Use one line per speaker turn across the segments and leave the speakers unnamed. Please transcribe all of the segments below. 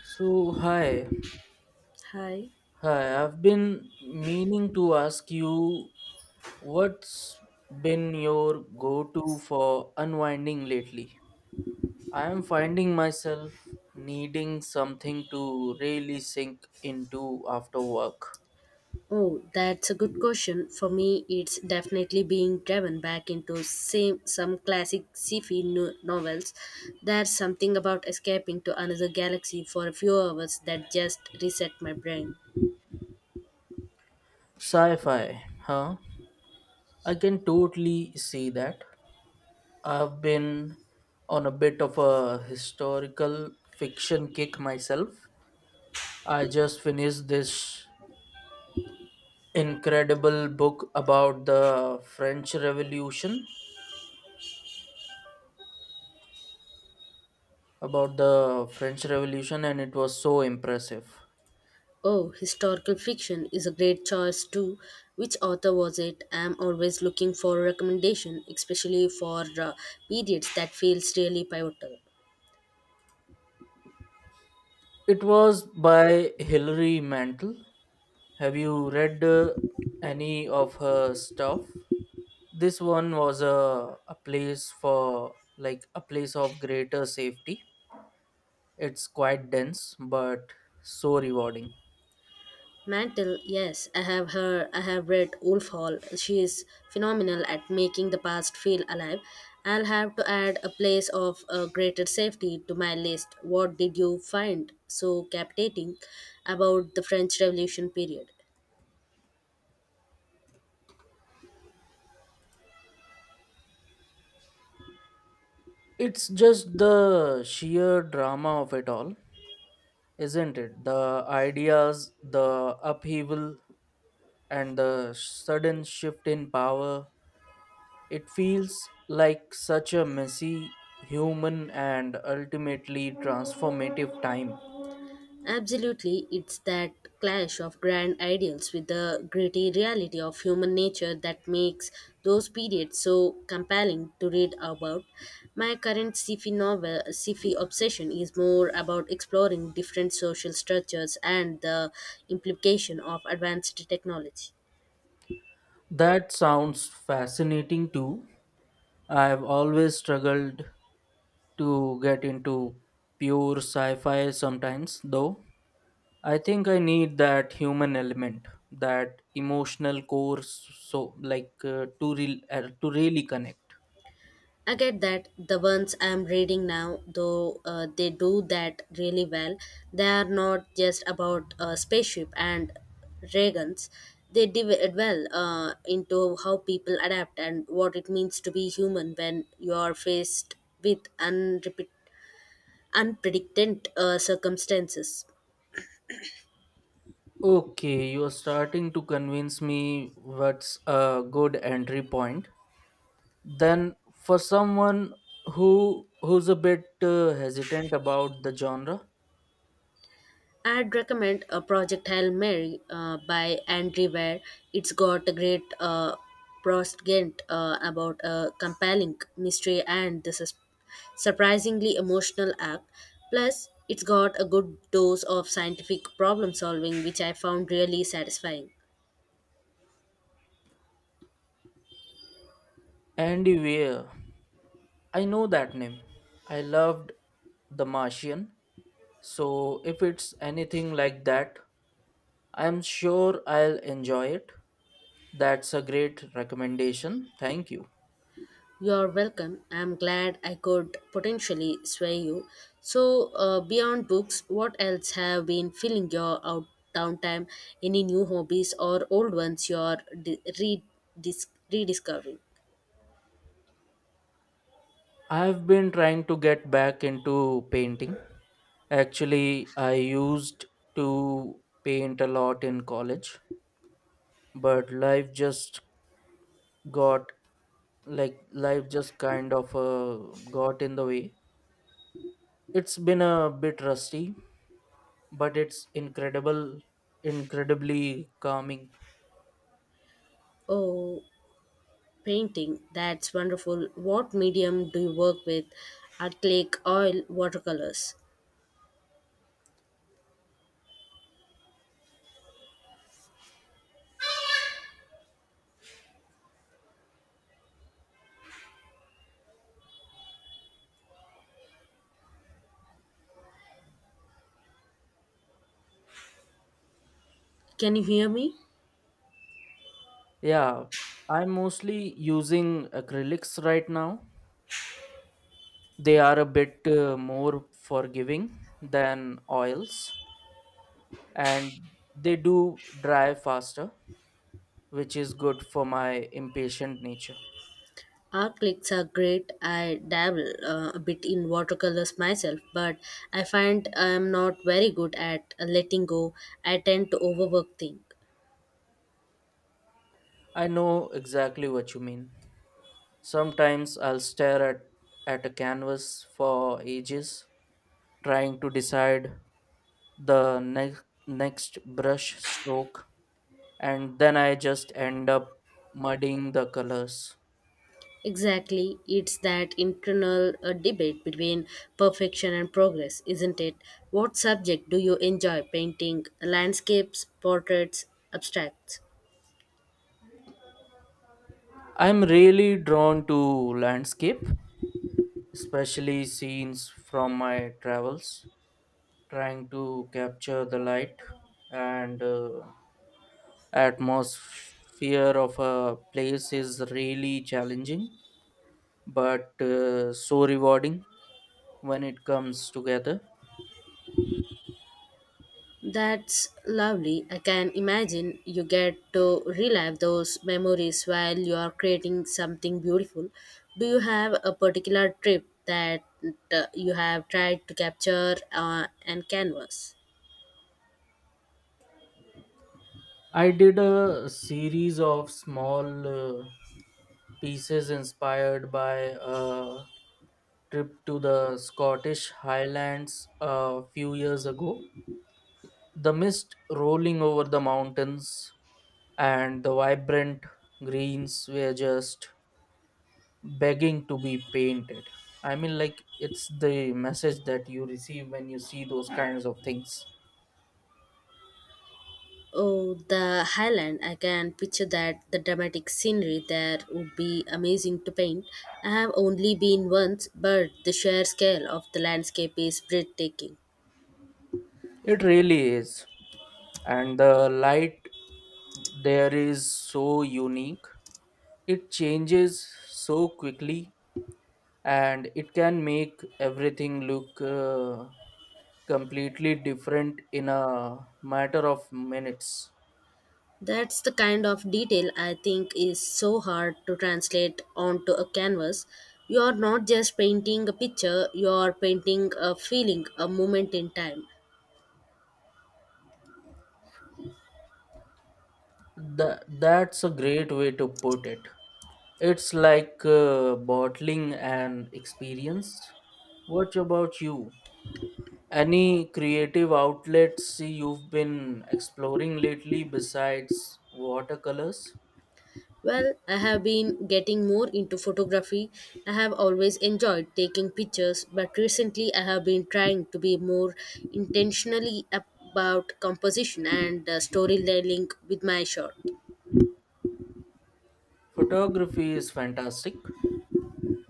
So, hi.
Hi.
Hi, I've been meaning to ask you what's been your go to for unwinding lately? I am finding myself needing something to really sink into after work.
Oh, that's a good question. For me, it's definitely being driven back into some classic sci-fi novels. There's something about escaping to another galaxy for a few hours that just reset my brain.
Sci fi, huh? I can totally see that. I've been on a bit of a historical fiction kick myself. I just finished this incredible book about the French Revolution, and it was so impressive.
Oh, historical fiction is a great choice too. Which author was it? I'm always looking for recommendation, especially for periods that feels really pivotal.
It was by Hilary Mantel. Have you read any of her stuff? This one was a place for like a place of greater safety. It's quite dense, but so rewarding.
Mantle, yes, I have her. I have read Wolf Hall. She is phenomenal at making the past feel alive. I'll have to add a place of greater safety to my list. What did you find so captivating about the French Revolution period?
It's just the sheer drama of it all, isn't it? The ideas, the upheaval, and the sudden shift in power. It feels like such a messy, human, and ultimately transformative time.
Absolutely, it's that clash of grand ideals with the gritty reality of human nature that makes those periods so compelling to read about. My current sci-fi obsession, is more about exploring different social structures and the implication of advanced technology.
That sounds fascinating too. I've always struggled to get into pure sci fi sometimes, though. I think I need that human element, that emotional core, so like to really connect.
I get that the ones I'm reading now, though they do that really well, they are not just about spaceship and Reagans. They delve into how people adapt and what it means to be human when you are faced with unpredicted circumstances.
Okay, you're starting to convince me, what's a good entry point then for someone who's a bit hesitant about the genre?
I'd recommend a Project Hail Mary by Andrew Ware. It's got a great proscent about a compelling mystery and the is surprisingly emotional act. Plus, it's got a good dose of scientific problem solving, which I found really satisfying.
Andy Weir. I know that name. I loved The Martian. So if it's anything like that, I'm sure I'll enjoy it. That's a great recommendation. Thank you.
You're welcome. I'm glad I could potentially sway you. So, beyond books, what else have been filling your out downtime? Any new hobbies or old ones you're rediscovering?
I've been trying to get back into painting. Actually, I used to paint a lot in college, but got life just kind of got in the way. It's been a bit rusty, but incredibly calming.
Oh, painting. That's wonderful. What medium do you work with? Acrylic, oil, watercolors. Can you hear me?
Yeah, I'm mostly using acrylics right now. They are a bit more forgiving than oils and they do dry faster, which is good for my impatient nature.
Acrylics are great. I dabble a bit in watercolors myself, but I find I am not very good at letting go. I tend to overwork things.
I know exactly what you mean. Sometimes I'll at a canvas for ages, trying to decide the next brush stroke, and then I just end up muddying the colors.
Exactly, it's that internal debate between perfection and progress, isn't it? What subject do you enjoy painting? Landscapes, portraits, abstracts?
I'm really drawn to landscape, especially scenes from my travels. Trying to capture the light and atmosphere of a place is really challenging but so rewarding when it comes together.
That's lovely. I can imagine you get to relive those memories while you are creating something beautiful. Do you have a particular trip that you have tried to capture and canvas?
I did a series of small pieces inspired by a trip to the Scottish Highlands a few years ago. The mist rolling over the mountains and the vibrant greens were just begging to be painted. I mean, like, it's the message that you receive when you see those kinds of things.
Oh, the Highland. I can picture that the dramatic scenery there would be amazing to paint. I have only been once, but the sheer scale of the landscape is breathtaking.
It really is. And the light there is so unique. It changes so quickly and it can make everything look completely different in a matter of minutes.
That's the kind of detail I think is so hard to translate onto a canvas. You are not just painting a picture, you are painting a feeling, a moment in time.
That's a great way to put it. It's like bottling an experience. What about you? Any creative outlets you've been exploring lately besides watercolors?
Well, I have been getting more into photography. I have always enjoyed taking pictures, but recently I have been trying to be more intentionally about composition and storytelling with my shot.
Photography is fantastic.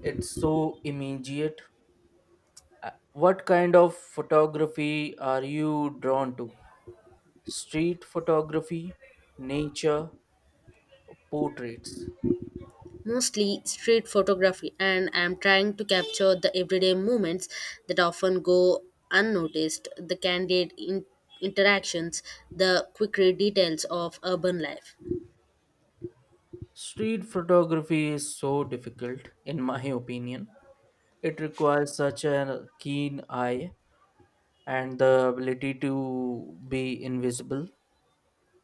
It's so immediate. What kind of photography are you drawn to? Street photography, nature, portraits?
Mostly street photography, and I'm trying to capture the everyday moments that often go unnoticed, the candid interactions, the quicker details of urban life.
Street photography is so difficult, in my opinion. It requires such a keen eye and the ability to be invisible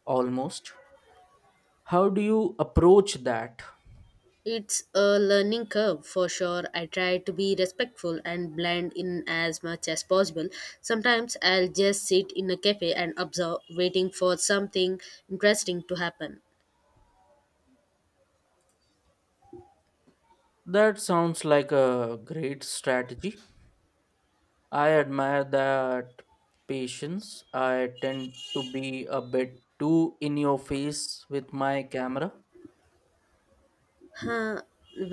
almost. How do you approach that?
It's a learning curve for sure. I try to be respectful and blend in as much as possible. Sometimes I'll just sit in a cafe and observe, waiting for something interesting to happen.
That sounds like a great strategy. I admire that patience. I tend to be a bit too in your face with my camera.
Huh.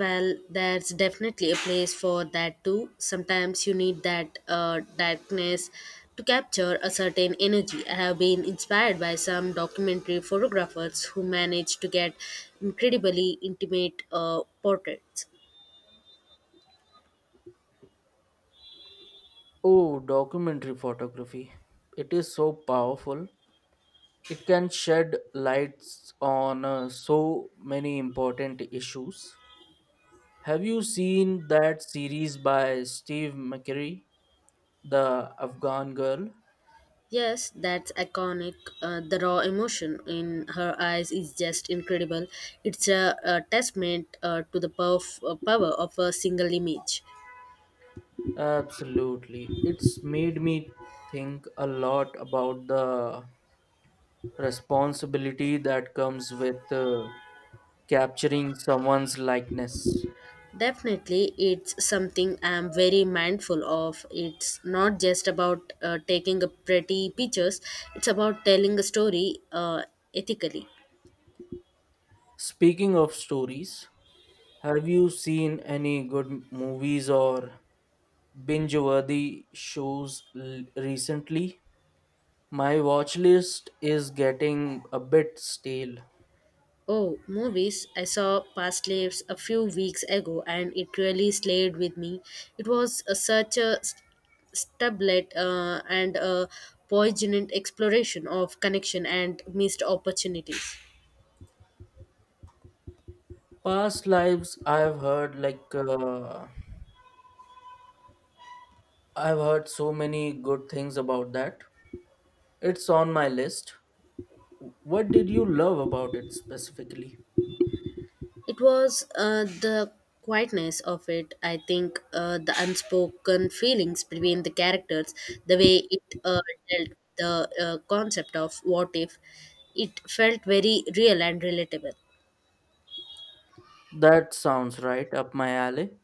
Well, there's definitely a place for that too. Sometimes you need that darkness to capture a certain energy. I have been inspired by some documentary photographers who manage to get incredibly intimate portraits.
Oh, documentary photography. It is so powerful. It can shed lights on so many important issues. Have you seen that series by Steve McCurry, The Afghan Girl?
Yes, that's iconic. The raw emotion in her eyes is just incredible. It's a testament to the power of a single image.
Absolutely. It's made me think a lot about the responsibility that comes with capturing someone's likeness.
Definitely, it's something I'm very mindful of. It's not just about taking a pretty pictures, it's about telling a story ethically.
Speaking of stories, have you seen any good movies or binge-worthy shows recently? My watch list is getting a bit stale.
Oh, movies. I saw Past Lives a few weeks ago and it really slayed with me. It was such a stablet and a poignant exploration of connection and missed opportunities.
Past lives, I've heard so many good things about that. It's on my list. What did you love about it specifically?
It was the quietness of it, I think, the unspoken feelings between the characters, the way it dealt the concept of what if. It felt very real and relatable.
That sounds right up my alley.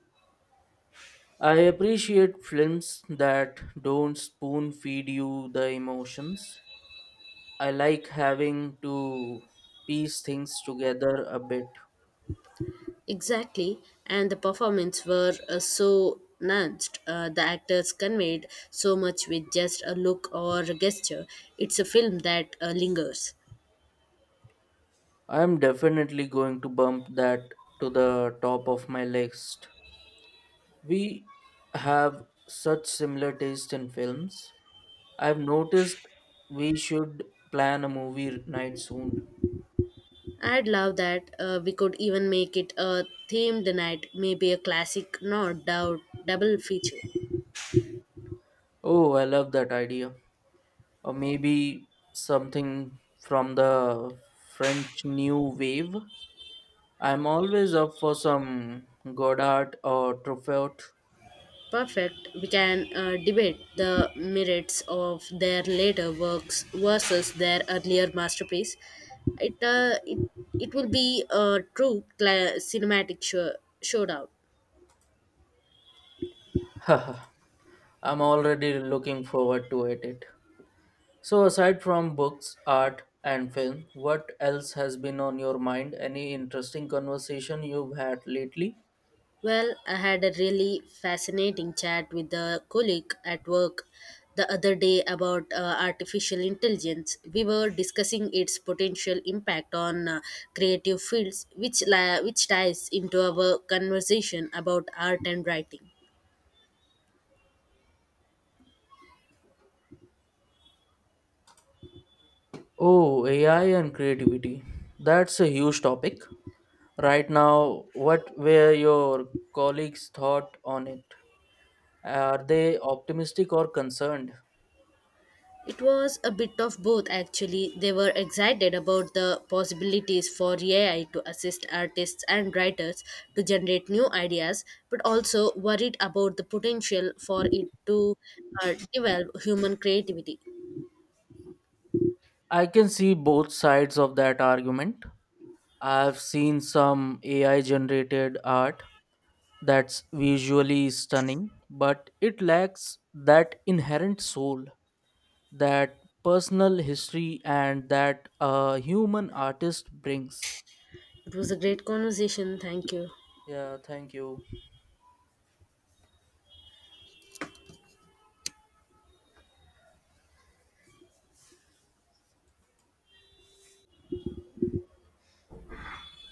I appreciate films that don't spoon feed you the emotions. I like having to piece things together a bit.
Exactly, and the performance were so nuanced. The actors conveyed so much with just a look or a gesture. It's a film that lingers.
I am definitely going to bump that to the top of my list. We have such similar taste in films, I've noticed. We should plan a movie night soon.
I'd love that. We could even make it a themed night, maybe a classic, not doubt, double feature.
Oh, I love that idea. Or maybe something from the French New Wave. I'm always up for some Godard or Truffaut.
Perfect. We can debate the merits of their later works versus their earlier masterpiece. It uh, it, it will be a true cinematic showdown.
I'm already looking forward to it. So, aside from books, art, and film, what else has been on your mind? Any interesting conversation you've had lately?
Well, I had a really fascinating chat with a colleague at work the other day about artificial intelligence. We were discussing its potential impact on creative fields, which ties into our conversation about art and writing.
Oh, AI and creativity. That's a huge topic. Right now, what were your colleagues' thought on it? Are they optimistic or concerned?
It was a bit of both actually. They were excited about the possibilities for AI to assist artists and writers to generate new ideas, but also worried about the potential for it to develop human creativity.
I can see both sides of that argument. I've seen some AI generated art that's visually stunning, but it lacks that inherent soul, that personal history, and that a human artist brings.
It was a great conversation. Thank you.
Yeah, thank you.